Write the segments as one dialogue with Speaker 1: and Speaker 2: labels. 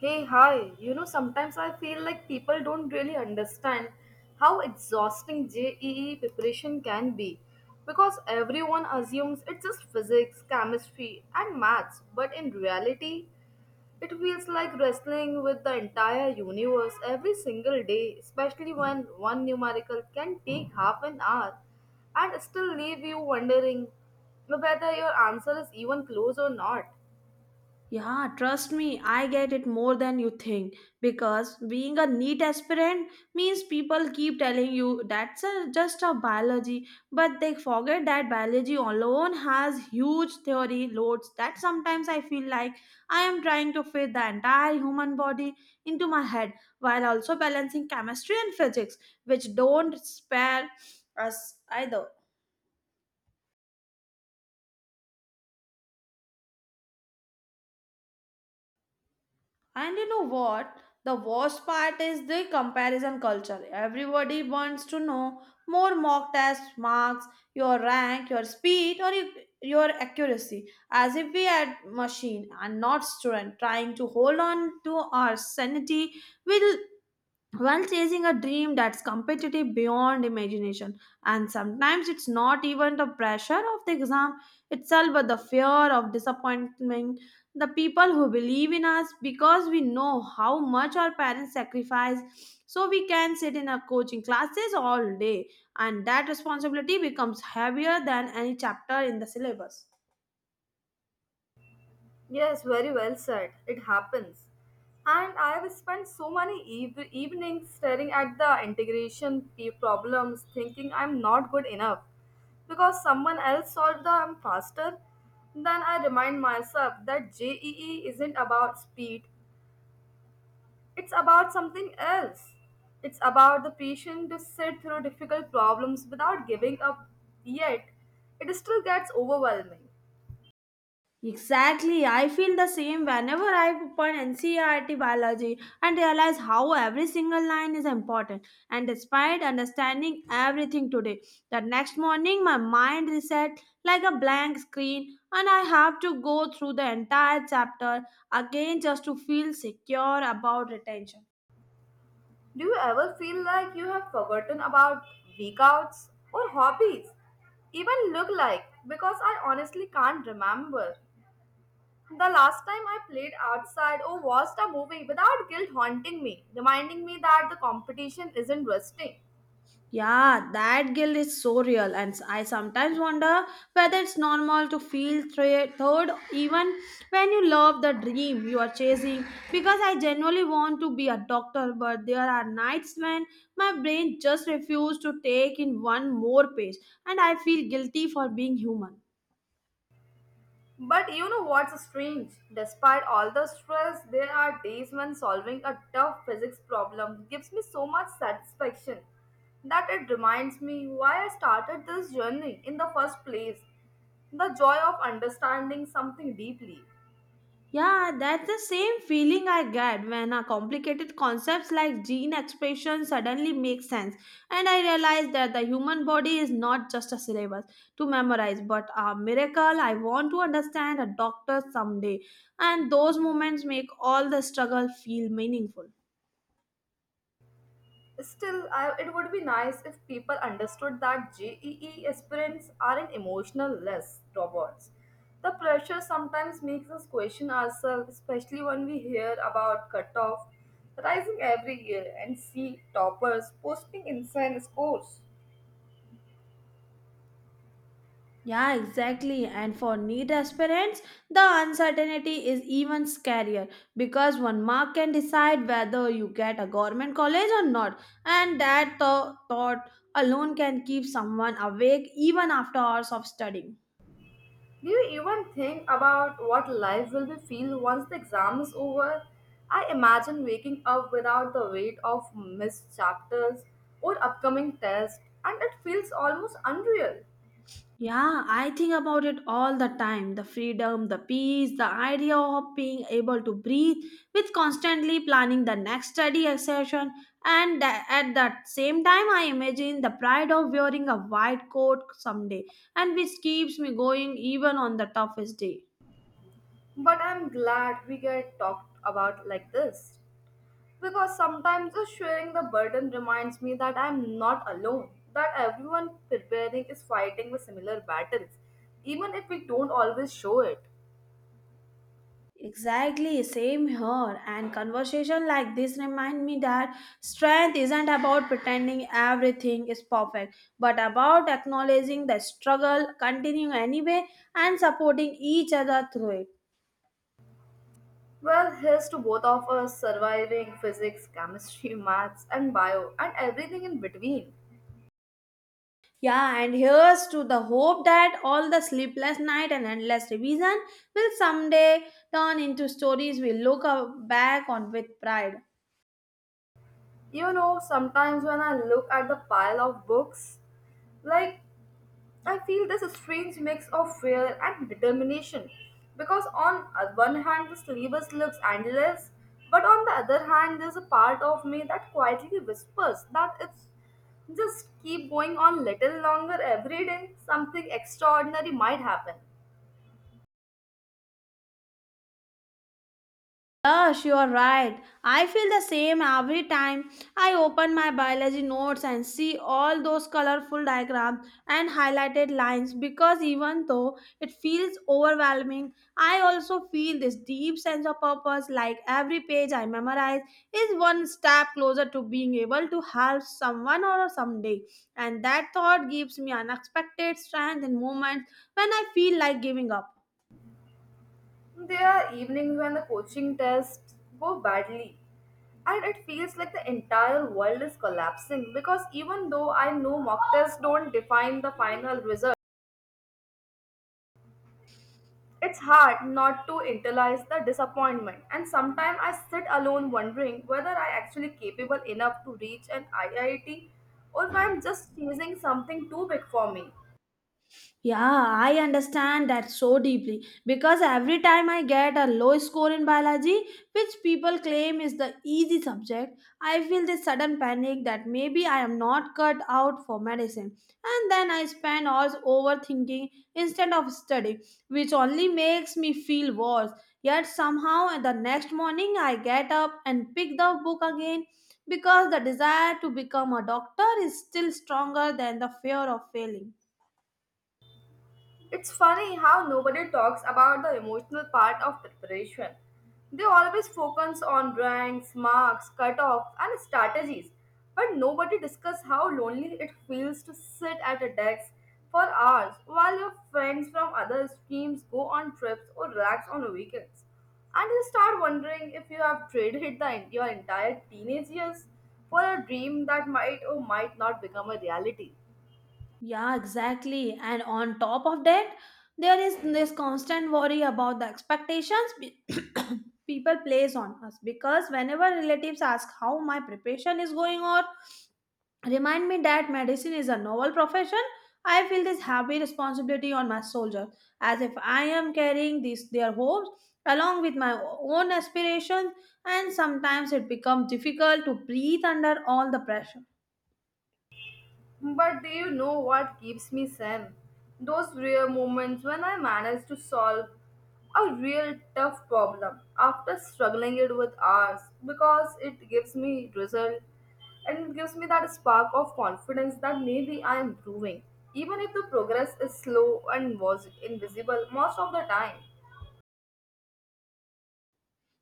Speaker 1: Hey, hi. You know, sometimes I feel like people don't really understand how exhausting JEE preparation can be because everyone assumes it's just physics, chemistry, and maths, but in reality, it feels like wrestling with the entire universe every single day, especially when one numerical can take half an hour and still leave you wondering whether your answer is even close or not.
Speaker 2: Yeah, trust me, I get it more than you think because being a neat aspirant means people keep telling you just a biology, but they forget that biology alone has huge theory loads that sometimes I feel like I am trying to fit the entire human body into my head while also balancing chemistry and physics, which don't spare us either. And you know what? The worst part is the comparison culture. Everybody wants to know more mock test marks, your rank, your speed, or your accuracy, as if we are machine and not student. Trying to hold on to our sanity will while chasing a dream that's competitive beyond imagination. And sometimes it's not even the pressure of the exam itself, but the fear of disappointment. The people who believe in us because we know how much our parents sacrifice, so we can sit in our coaching classes all day, and that responsibility becomes heavier than any chapter in the syllabus.
Speaker 1: Yes, very well said. It happens. And I have spent so many evenings staring at the integration problems, thinking I'm not good enough because someone else solved them faster. Then I remind myself that JEE isn't about speed, it's about something else. It's about the patience to sit through difficult problems without giving up, yet, it still gets overwhelming.
Speaker 2: Exactly. I feel the same whenever I open NCERT biology and realize how every single line is important. And despite understanding everything today, the next morning my mind reset like a blank screen and I have to go through the entire chapter again just to feel secure about retention.
Speaker 1: Do you ever feel like you have forgotten about weekouts or hobbies? Even look like, because I honestly can't remember. The last time I played outside or watched a movie without guilt haunting me, reminding me that the competition isn't resting.
Speaker 2: Yeah, that guilt is so real, and I sometimes wonder whether it's normal to feel third even when you love the dream you are chasing. Because I genuinely want to be a doctor, but there are nights when my brain just refuses to take in one more page, and I feel guilty for being human.
Speaker 1: But you know what's strange? Despite all the stress, there are days when solving a tough physics problem gives me so much satisfaction that it reminds me why I started this journey in the first place. The joy of understanding something deeply.
Speaker 2: Yeah, that's the same feeling I get when a complicated concepts like gene expression suddenly make sense. And I realize that the human body is not just a syllabus to memorize, but a miracle I want to understand a doctor someday. And those moments make all the struggle feel meaningful.
Speaker 1: Still, it would be nice if people understood that JEE aspirants aren't emotional less robots. The pressure sometimes makes us question ourselves, especially when we hear about cutoff rising every year and see toppers posting insane scores.
Speaker 2: Yeah, exactly. And for neat aspirants, the uncertainty is even scarier because one mark can decide whether you get a government college or not. And that thought alone can keep someone awake even after hours of studying.
Speaker 1: Do you even think about what life will be feel once the exam is over? I imagine waking up without the weight of missed chapters or upcoming tests, and it feels almost unreal.
Speaker 2: Yeah, I think about it all the time. The freedom, the peace, the idea of being able to breathe with constantly planning the next study session. And at that same time, I imagine the pride of wearing a white coat someday, and which keeps me going even on the toughest day.
Speaker 1: But I'm glad we get talked about like this. Because sometimes just sharing the burden reminds me that I'm not alone, that everyone preparing is fighting with similar battles, even if we don't always show it.
Speaker 2: Exactly, same here. And conversation like this remind me that strength isn't about pretending everything is perfect, but about acknowledging the struggle, continuing anyway, and supporting each other through it.
Speaker 1: Well, here's to both of us surviving physics, chemistry, maths, and bio, and everything in between.
Speaker 2: Yeah, and here's to the hope that all the sleepless night and endless revision will someday turn into stories we back on with pride.
Speaker 1: You know, sometimes when I look at the pile of books, like, I feel there's a strange mix of fear and determination because on one hand this syllabus looks endless, but on the other hand there's a part of me that quietly whispers that it's just keep going on little longer every day, something extraordinary might happen.
Speaker 2: Yes, you are right. I feel the same every time I open my biology notes and see all those colorful diagrams and highlighted lines because even though it feels overwhelming, I also feel this deep sense of purpose like every page I memorize is one step closer to being able to help someone or someday. And that thought gives me unexpected strength in moments when I feel like giving up.
Speaker 1: There are evenings when the coaching tests go badly and it feels like the entire world is collapsing because even though I know mock tests don't define the final result. It's hard not to internalize the disappointment, and sometimes I sit alone wondering whether I actually capable enough to reach an IIT or if I'm just chasing something too big for me.
Speaker 2: Yeah, I understand that so deeply because every time I get a low score in biology, which people claim is the easy subject, I feel this sudden panic that maybe I am not cut out for medicine. And then I spend hours overthinking instead of study, which only makes me feel worse. Yet somehow the next morning I get up and pick the book again because the desire to become a doctor is still stronger than the fear of failing.
Speaker 1: It's funny how nobody talks about the emotional part of preparation. They always focus on ranks, marks, cutoff, and strategies, but nobody discusses how lonely it feels to sit at a desk for hours while your friends from other streams go on trips or relax on weekends. And you start wondering if you have traded your entire teenage years for a dream that might or might not become a reality.
Speaker 2: Yeah, exactly. And on top of that, there is this constant worry about the expectations people place on us because whenever relatives ask how my preparation is going or remind me that medicine is a novel profession, I feel this heavy responsibility on my shoulders, as if I am carrying these their hopes along with my own aspirations and sometimes it becomes difficult to breathe under all the pressure.
Speaker 1: But do you know what keeps me sane? Those rare moments when I manage to solve a real tough problem after struggling it with hours because it gives me result and it gives me that spark of confidence that maybe I am improving. Even if the progress is slow and was invisible most of the time.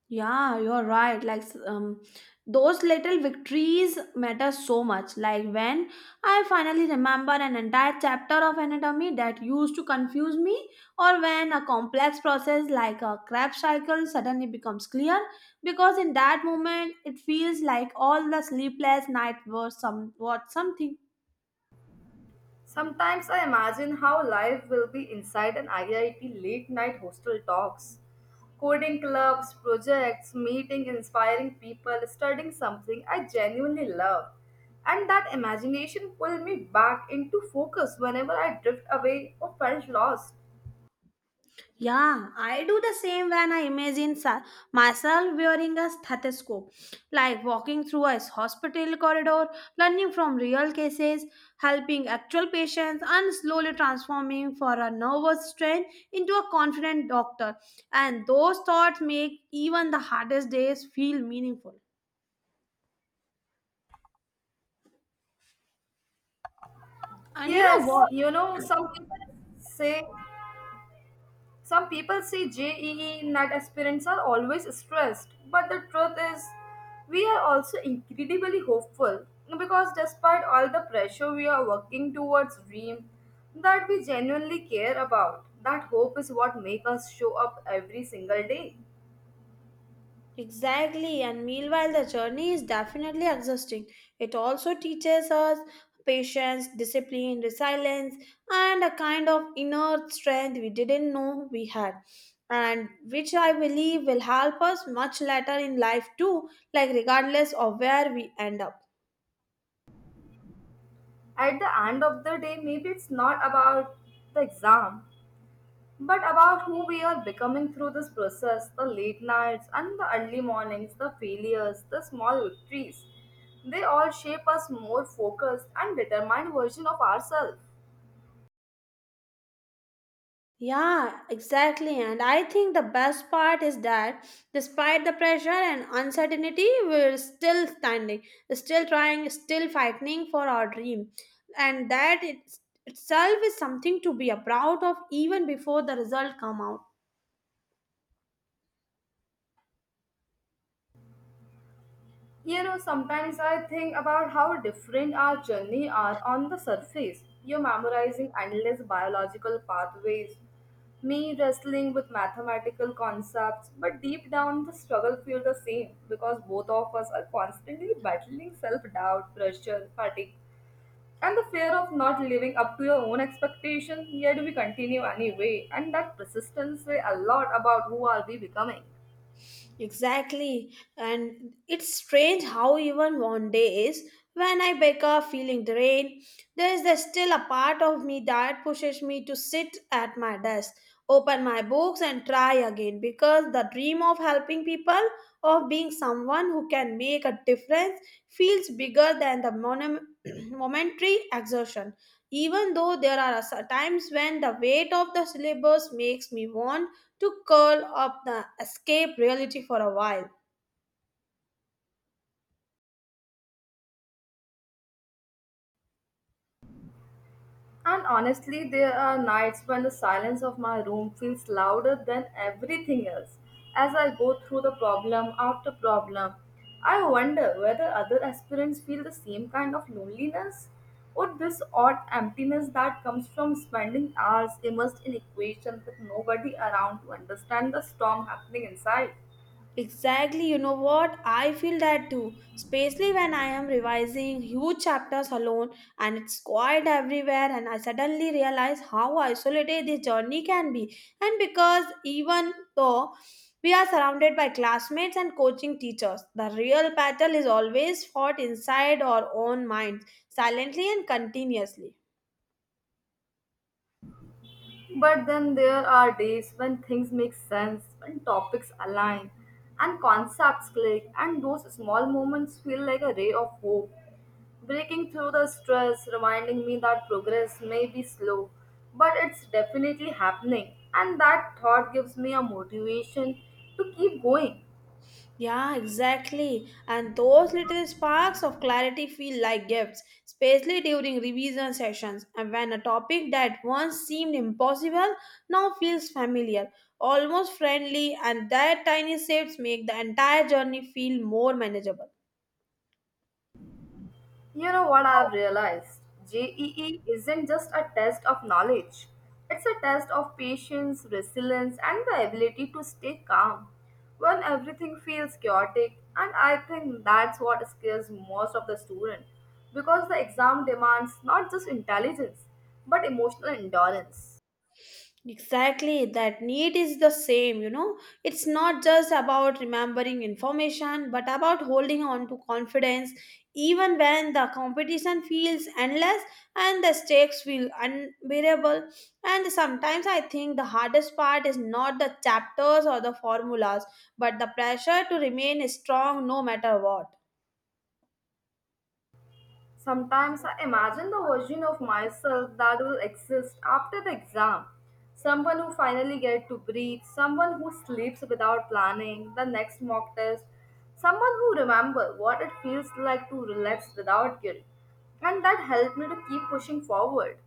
Speaker 2: Yeah, you're right. Like those little victories matter so much. Like when I finally remember an entire chapter of anatomy that used to confuse me, or when a complex process like a Krebs cycle suddenly becomes clear, because in that moment it feels like all the sleepless night was somewhat something.
Speaker 1: Sometimes I imagine how life will be inside an IIT late night hostel talks, coding clubs, projects, meeting inspiring people, studying something I genuinely love. And that imagination pulled me back into focus whenever I drift away or felt lost.
Speaker 2: Yeah, I do the same when I imagine myself wearing a stethoscope, like walking through a hospital corridor, learning from real cases, helping actual patients, and slowly transforming for a nervous strain into a confident doctor. And those thoughts make even the hardest days feel meaningful. And you know
Speaker 1: Yes,
Speaker 2: what?
Speaker 1: you know, Some people say JEE NET aspirants are always stressed, but the truth is, we are also incredibly hopeful because despite all the pressure, we are working towards dream that we genuinely care about. That hope is what makes us show up every single day.
Speaker 2: Exactly, and meanwhile, the journey is definitely exhausting. It also teaches us patience, discipline, resilience, and a kind of inner strength we didn't know we had, and which I believe will help us much later in life too, like regardless of where we end up.
Speaker 1: At the end of the day, maybe it's not about the exam, but about who we are becoming through this process, the late nights and the early mornings, the failures, the small victories, they all shape us more focused and determined version of ourselves.
Speaker 2: Yeah, exactly. And I think the best part is that despite the pressure and uncertainty, we're still standing, still trying, still fighting for our dream. And that it itself is something to be proud of even before the result come out.
Speaker 1: You know, sometimes I think about how different our journey are on the surface. You're memorizing endless biological pathways, me wrestling with mathematical concepts, but deep down the struggle feels the same because both of us are constantly battling self-doubt, pressure, fatigue, and the fear of not living up to your own expectation, yet we continue anyway, and that persistence say a lot about who are we becoming.
Speaker 2: Exactly. And it's strange how even one day is when I wake up feeling drained, there is the still a part of me that pushes me to sit at my desk, open my books and try again because the dream of helping people, of being someone who can make a difference feels bigger than the momentary exertion. Even though there are times when the weight of the syllabus makes me want to curl up the escape reality for a while.
Speaker 1: And honestly, there are nights when the silence of my room feels louder than everything else. As I go through the problem after problem, I wonder whether other aspirants feel the same kind of loneliness or this odd emptiness that comes from spending hours immersed in equations with nobody around to understand the storm happening inside.
Speaker 2: Exactly, you know what? I feel that too, especially when I am revising huge chapters alone and it's quiet everywhere, and I suddenly realize how isolated this journey can be. And because even though we are surrounded by classmates and coaching teachers, the real battle is always fought inside our own minds, silently and continuously.
Speaker 1: But then there are days when things make sense, when topics align, and concepts click, and those small moments feel like a ray of hope. Breaking through the stress, reminding me that progress may be slow, but it's definitely happening, and that thought gives me a motivation to keep going.
Speaker 2: Yeah, exactly. And those little sparks of clarity feel like gifts, especially during revision sessions and when a topic that once seemed impossible now feels familiar, almost friendly, and that tiny shifts make the entire journey feel more manageable.
Speaker 1: You know what I've realized? JEE isn't just a test of knowledge, it's a test of patience, resilience, and the ability to stay calm when everything feels chaotic. And I think that's what scares most of the student because the exam demands not just intelligence but emotional endurance.
Speaker 2: Exactly, that need is the same, you know. It's not just about remembering information, but about holding on to confidence even when the competition feels endless and the stakes feel unbearable. And sometimes I think the hardest part is not the chapters or the formulas, but the pressure to remain strong no matter what.
Speaker 1: Sometimes I imagine the version of myself that will exist after the exam. Someone who finally gets to breathe, someone who sleeps without planning the next mock test, someone who remembers what it feels like to relax without guilt. And that helped me to keep pushing forward.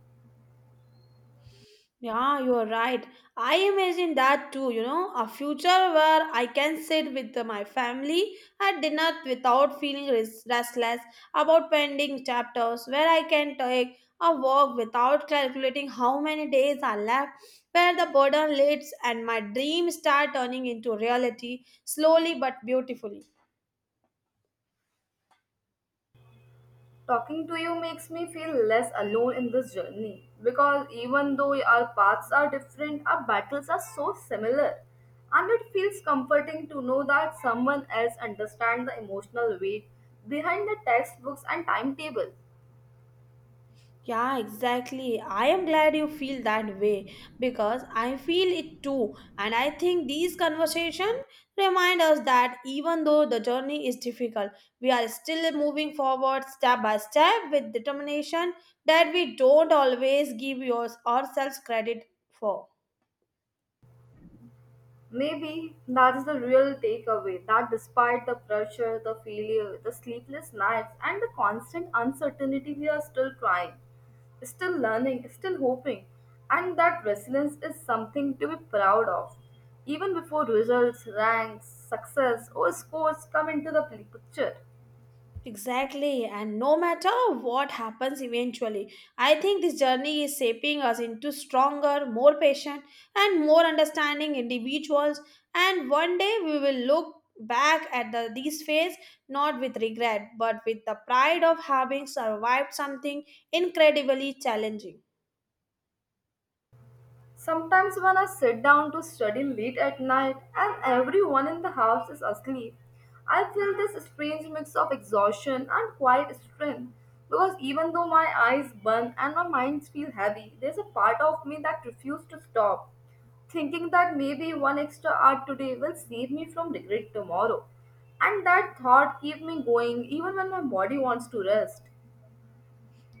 Speaker 2: Yeah, you are right. I imagine that too, you know, a future where I can sit with my family at dinner without feeling restless about pending chapters, where I can take a walk without calculating how many days are left, where the burden lifts and my dreams start turning into reality slowly but beautifully.
Speaker 1: Talking to you makes me feel less alone in this journey because even though our paths are different, our battles are so similar. And it feels comforting to know that someone else understands the emotional weight behind the textbooks and timetable.
Speaker 2: Yeah, exactly. I am glad you feel that way because I feel it too. And I think these conversations remind us that even though the journey is difficult, we are still moving forward step by step with determination that we don't always give yours ourselves credit for.
Speaker 1: Maybe that is the real takeaway that despite the pressure, the failure, the sleepless nights, and the constant uncertainty, we are still trying, still learning, still hoping, and that resilience is something to be proud of. Even before results, ranks, success, or scores come into the picture.
Speaker 2: Exactly, and no matter what happens eventually, I think this journey is shaping us into stronger, more patient, and more understanding individuals. And one day we will look back at these phase not with regret but with the pride of having survived something incredibly challenging.
Speaker 1: Sometimes, when I sit down to study late at night and everyone in the house is asleep, I feel this strange mix of exhaustion and quiet strength because even though my eyes burn and my mind feels heavy, there's a part of me that refuses to stop, thinking that maybe one extra hour today will save me from regret tomorrow. And that thought keeps me going even when my body wants to rest.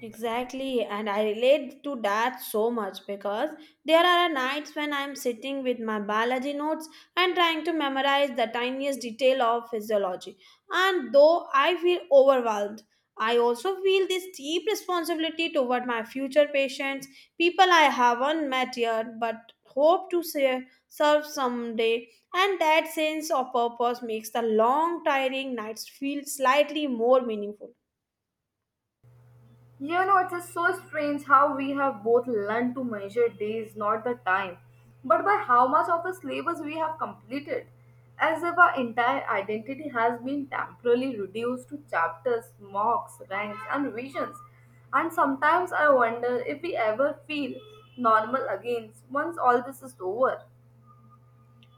Speaker 2: Exactly, and I relate to that so much because there are nights when I'm sitting with my biology notes and trying to memorize the tiniest detail of physiology. And though I feel overwhelmed, I also feel this deep responsibility toward my future patients, people I haven't met yet but hope to serve someday. And that sense of purpose makes the long, tiring nights feel slightly more meaningful.
Speaker 1: You know, it is so strange how we have both learned to measure days, not the time, but by how much of the syllabus we have completed, as if our entire identity has been temporarily reduced to chapters, mocks, ranks, and revisions. And sometimes I wonder if we ever feel normal again once all this is over.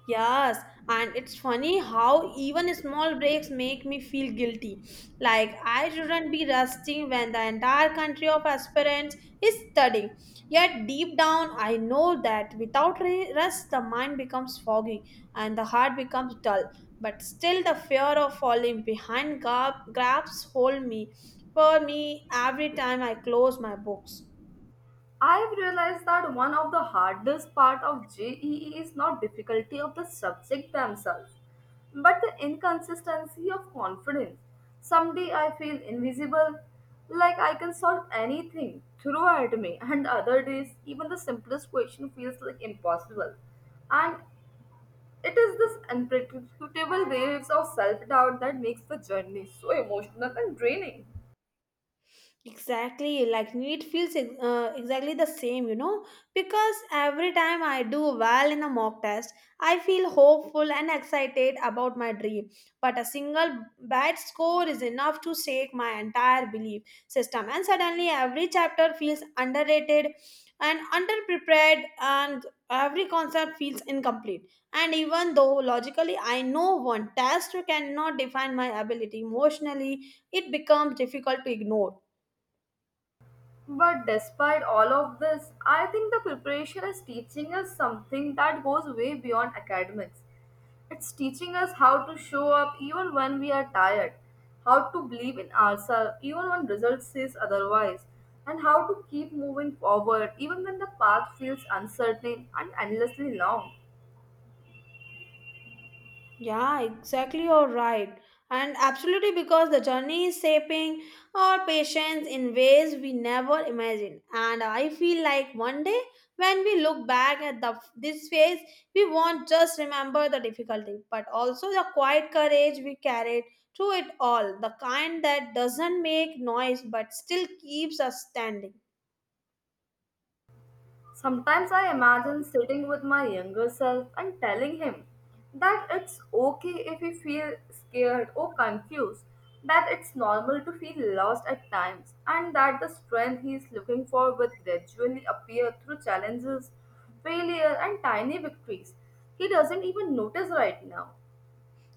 Speaker 2: Yes, and it's funny how even small breaks make me feel guilty. Like I shouldn't be resting when the entire country of aspirants is studying. Yet deep down, I know that without rest, the mind becomes foggy and the heart becomes dull. But still, the fear of falling behind grabs hold me for me every time I close my books.
Speaker 1: I've realized that one of the hardest part of JEE is not difficulty of the subject themselves, but the inconsistency of confidence. Someday I feel invisible, like I can solve anything, throw at me, and other days even the simplest question feels like impossible. And it is this unpredictable waves of self-doubt that makes the journey so emotional and draining.
Speaker 2: Exactly, like it feels exactly the same, you know, because every time I do well in a mock test, I feel hopeful and excited about my dream. But a single bad score is enough to shake my entire belief system, and suddenly every chapter feels underrated and underprepared, and every concept feels incomplete. And even though logically I know one test cannot define my ability emotionally, it becomes difficult to ignore.
Speaker 1: But despite all of this, I think the preparation is teaching us something that goes way beyond academics. It's teaching us how to show up even when we are tired, how to believe in ourselves even when results says otherwise, and how to keep moving forward even when the path feels uncertain and endlessly long.
Speaker 2: Yeah, exactly. You're right. And absolutely because the journey is shaping our patience in ways we never imagined. And I feel like one day when we look back at the this phase, we won't just remember the difficulty, but also the quiet courage we carried through it all. The kind that doesn't make noise but still keeps us standing.
Speaker 1: Sometimes I imagine sitting with my younger self and telling him that it's okay if we feel scared or confused, that it's normal to feel lost at times, and that the strength he's looking for will gradually appear through challenges, failure, and tiny victories he doesn't even notice right now.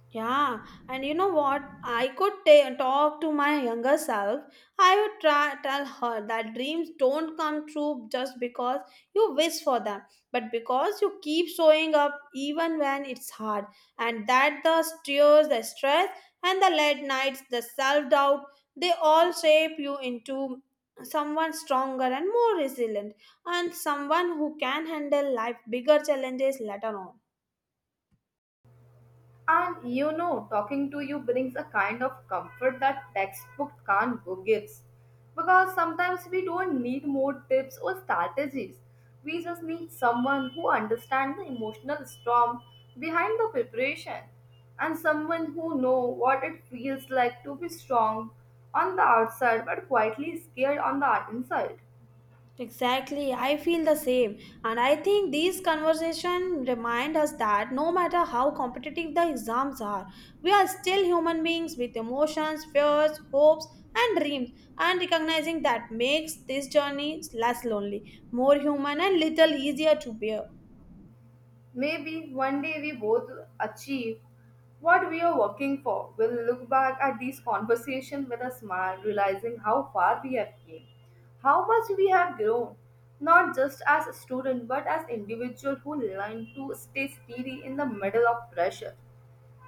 Speaker 2: Yeah, and you know what? I could talk to my younger self. I would try tell her that dreams don't come true just because you wish for them, but because you keep showing up even when it's hard, and that the tears, the stress, and the late nights, the self doubt, they all shape you into someone stronger and more resilient, and someone who can handle life bigger challenges later on.
Speaker 1: And you know, talking to you brings a kind of comfort that textbook can't go gives. Because sometimes we don't need more tips or strategies. We just need someone who understands the emotional storm behind the preparation and someone who knows what it feels like to be strong on the outside but quietly scared on the inside.
Speaker 2: Exactly, I feel the same. And I think these conversations remind us that no matter how competitive the exams are, we are still human beings with emotions, fears, hopes, and dreams. And recognizing that makes this journey less lonely, more human, and little easier to bear.
Speaker 1: Maybe one day we both achieve what we are working for. We'll look back at these conversations with a smile, realizing how far we have came, how much we have grown, not just as a student but as individual who learn to stay steady in the middle of pressure.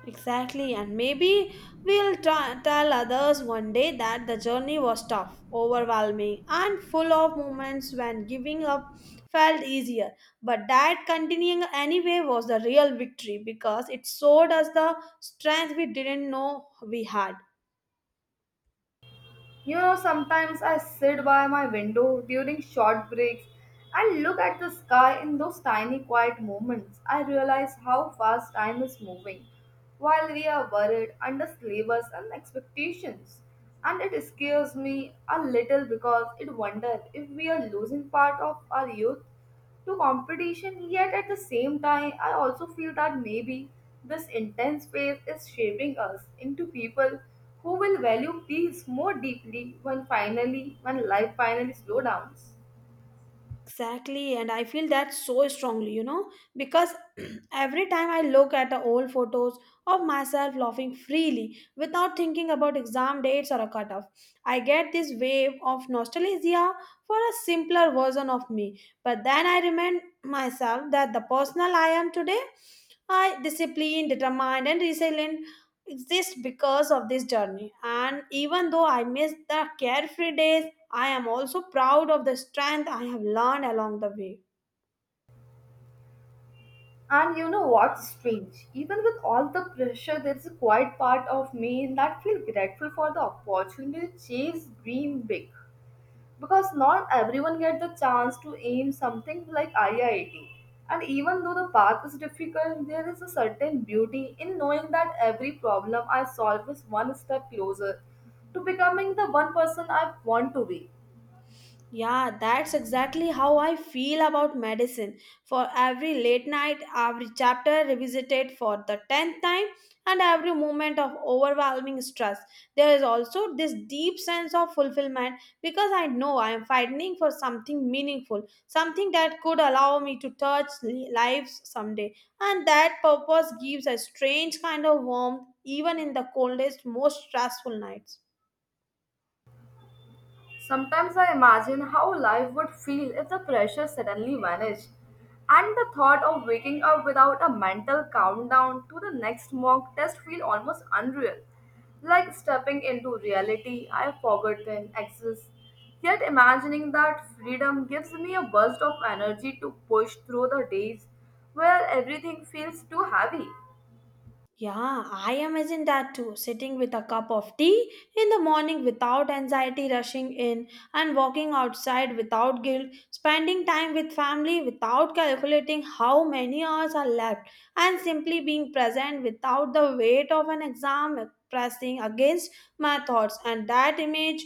Speaker 2: Exactly, and maybe tell others one day that the journey was tough, overwhelming, and full of moments when giving up felt easier. But that continuing anyway was the real victory because it showed us the strength we didn't know we had.
Speaker 1: You know, sometimes I sit by my window during short breaks and look at the sky in those tiny quiet moments. I realize how fast time is moving while we are worried under slavers and expectations. And it scares me a little because it wonders if we are losing part of our youth to competition, yet at the same time, I also feel that maybe this intense phase is shaping us into people who will value peace more deeply when finally, when life finally slow downs.
Speaker 2: Exactly, and I feel that so strongly, you know, because every time I look at the old photos of myself laughing freely without thinking about exam dates or a cutoff, I get this wave of nostalgia for a simpler version of me. But then I remind myself that the person I am today, I disciplined, determined, and resilient, exist because of this journey. And even though I miss the carefree days, I am also proud of the strength I have learned along the way.
Speaker 1: And you know what's strange? Even with all the pressure, there's a quiet part of me that feels grateful for the opportunity to chase dream big, because not everyone get the chance to aim something like IIT. And even though the path is difficult, there is a certain beauty in knowing that every problem I solve is one step closer to becoming the one person I want to be.
Speaker 2: Yeah, that's exactly how I feel about medicine. For every late night, every chapter revisited for the tenth time, and every moment of overwhelming stress, there is also this deep sense of fulfillment because I know I am fighting for something meaningful, something that could allow me to touch lives someday. And that purpose gives a strange kind of warmth even in the coldest, most stressful nights.
Speaker 1: Sometimes I imagine how life would feel if the pressure suddenly vanished, and the thought of waking up without a mental countdown to the next mock test feels almost unreal. Like stepping into reality I forgotten exists. Yet imagining that freedom gives me a burst of energy to push through the days where everything feels too heavy.
Speaker 2: Yeah, I imagine that too. Sitting with a cup of tea in the morning without anxiety rushing in, and walking outside without guilt, spending time with family without calculating how many hours are left, and simply being present without the weight of an exam pressing against my thoughts. And that image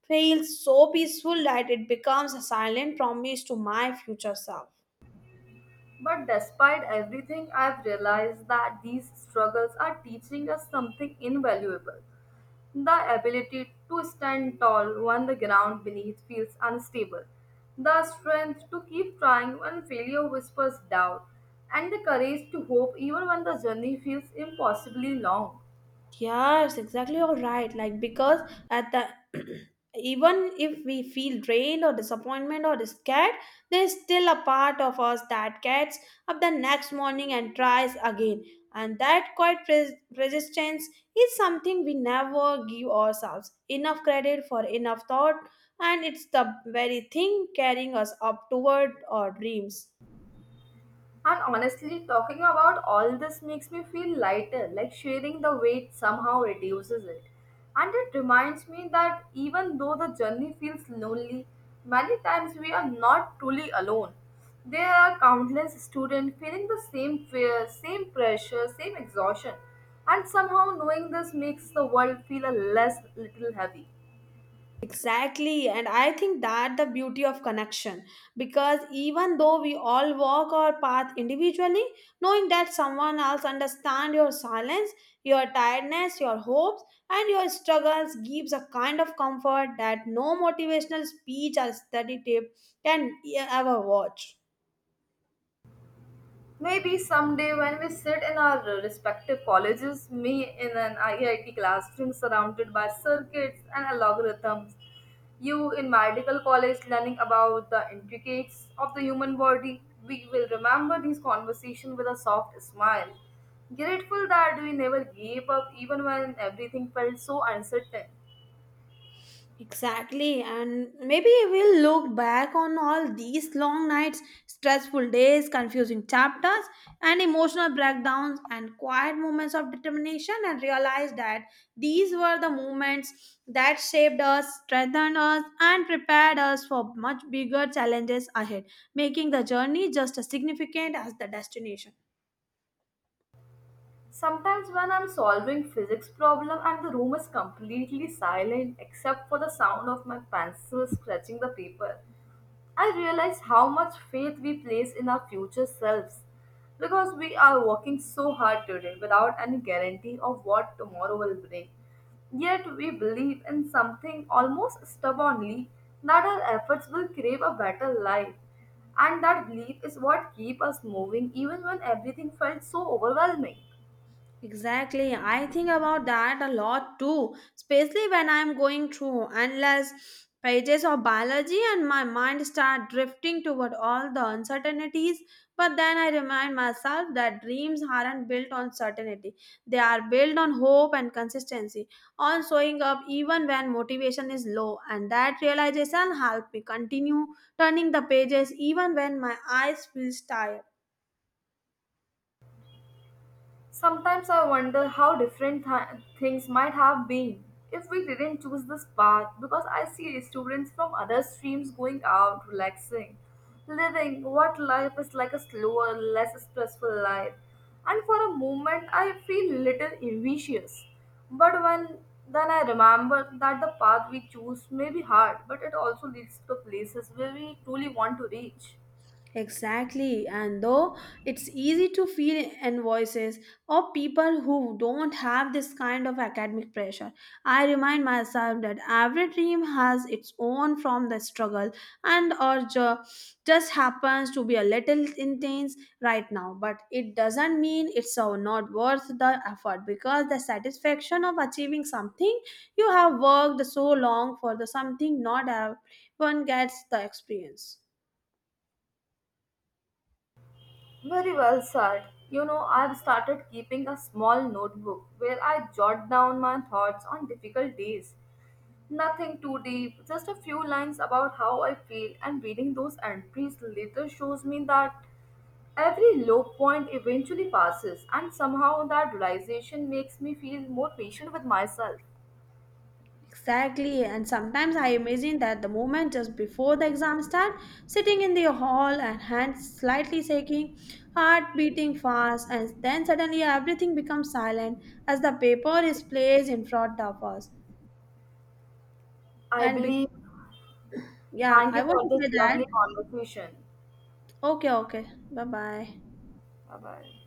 Speaker 2: feels so peaceful that it becomes a silent promise to my future self.
Speaker 1: But despite everything, I've realized that these struggles are teaching us something invaluable: the ability to stand tall when the ground beneath feels unstable, the strength to keep trying when failure whispers doubt, and the courage to hope even when the journey feels impossibly long.
Speaker 2: Yes, exactly. You're right. Like because at the even if we feel drained or disappointment or scared, there's still a part of us that gets up the next morning and tries again. And that quiet persistence is something we never give ourselves enough credit for, enough thought, and it's the very thing carrying us up toward our dreams.
Speaker 1: And honestly, talking about all this makes me feel lighter, like sharing the weight somehow reduces it. And it reminds me that even though the journey feels lonely, many times we are not truly alone. There are countless students feeling the same fear, same pressure, same exhaustion. And somehow knowing this makes the world feel a less little heavy.
Speaker 2: Exactly, and I think that the beauty of connection because even though we all walk our path individually, knowing that someone else understands your silence, your tiredness, your hopes, and your struggles gives a kind of comfort that no motivational speech or study tape can ever watch.
Speaker 1: Maybe someday when we sit in our respective colleges, me in an IIT classroom surrounded by circuits and algorithms, you in medical college learning about the intricates of the human body, we will remember these conversations with a soft smile, grateful that we never gave up even when everything felt so uncertain.
Speaker 2: Exactly, and maybe we'll look back on all these long nights, stressful days, confusing chapters, and emotional breakdowns and quiet moments of determination and realize that these were the moments that shaped us, strengthened us, and prepared us for much bigger challenges ahead, making the journey just as significant as the destination.
Speaker 1: Sometimes when I'm solving physics problem and the room is completely silent except for the sound of my pencil scratching the paper, I realize how much faith we place in our future selves because we are working so hard today without any guarantee of what tomorrow will bring. Yet we believe in something almost stubbornly, that our efforts will create a better life. And that belief is what keeps us moving even when everything felt so overwhelming.
Speaker 2: Exactly. I think about that a lot too, especially when I'm going through endless pages of biology and my mind start drifting toward all the uncertainties. But then I remind myself that dreams aren't built on certainty. They are built on hope and consistency, on showing up even when motivation is low. And that realization helped me continue turning the pages even when my eyes feel tired.
Speaker 1: Sometimes I wonder how different things might have been if we didn't choose this path, because I see students from other streams going out, relaxing, living what life is like, a slower, less stressful life. And for a moment, I feel little envious. But when then I remember that the path we choose may be hard, but it also leads to places where we truly want to reach.
Speaker 2: Exactly, and though it's easy to feel invoices or people who don't have this kind of academic pressure, I remind myself that every dream has its own from the struggle and just happens to be a little intense right now. But it doesn't mean it's not worth the effort because the satisfaction of achieving something you have worked so long for the something not everyone gets the experience.
Speaker 1: Very well said. You know, I've started keeping a small notebook where I jot down my thoughts on difficult days. Nothing too deep, just a few lines about how I feel, and reading those entries later shows me that every low point eventually passes, and somehow that realization makes me feel more patient with myself.
Speaker 2: Exactly, and sometimes I imagine that the moment just before the exam start, sitting in the hall and hands slightly shaking, heart beating fast, and then suddenly everything becomes silent as the paper is placed in front of us.
Speaker 1: I
Speaker 2: And be-
Speaker 1: believe.
Speaker 2: yeah,
Speaker 1: Thank
Speaker 2: I
Speaker 1: you
Speaker 2: want
Speaker 1: for
Speaker 2: to
Speaker 1: this
Speaker 2: say that.
Speaker 1: lovely conversation.
Speaker 2: Okay, okay, bye bye.
Speaker 1: Bye bye.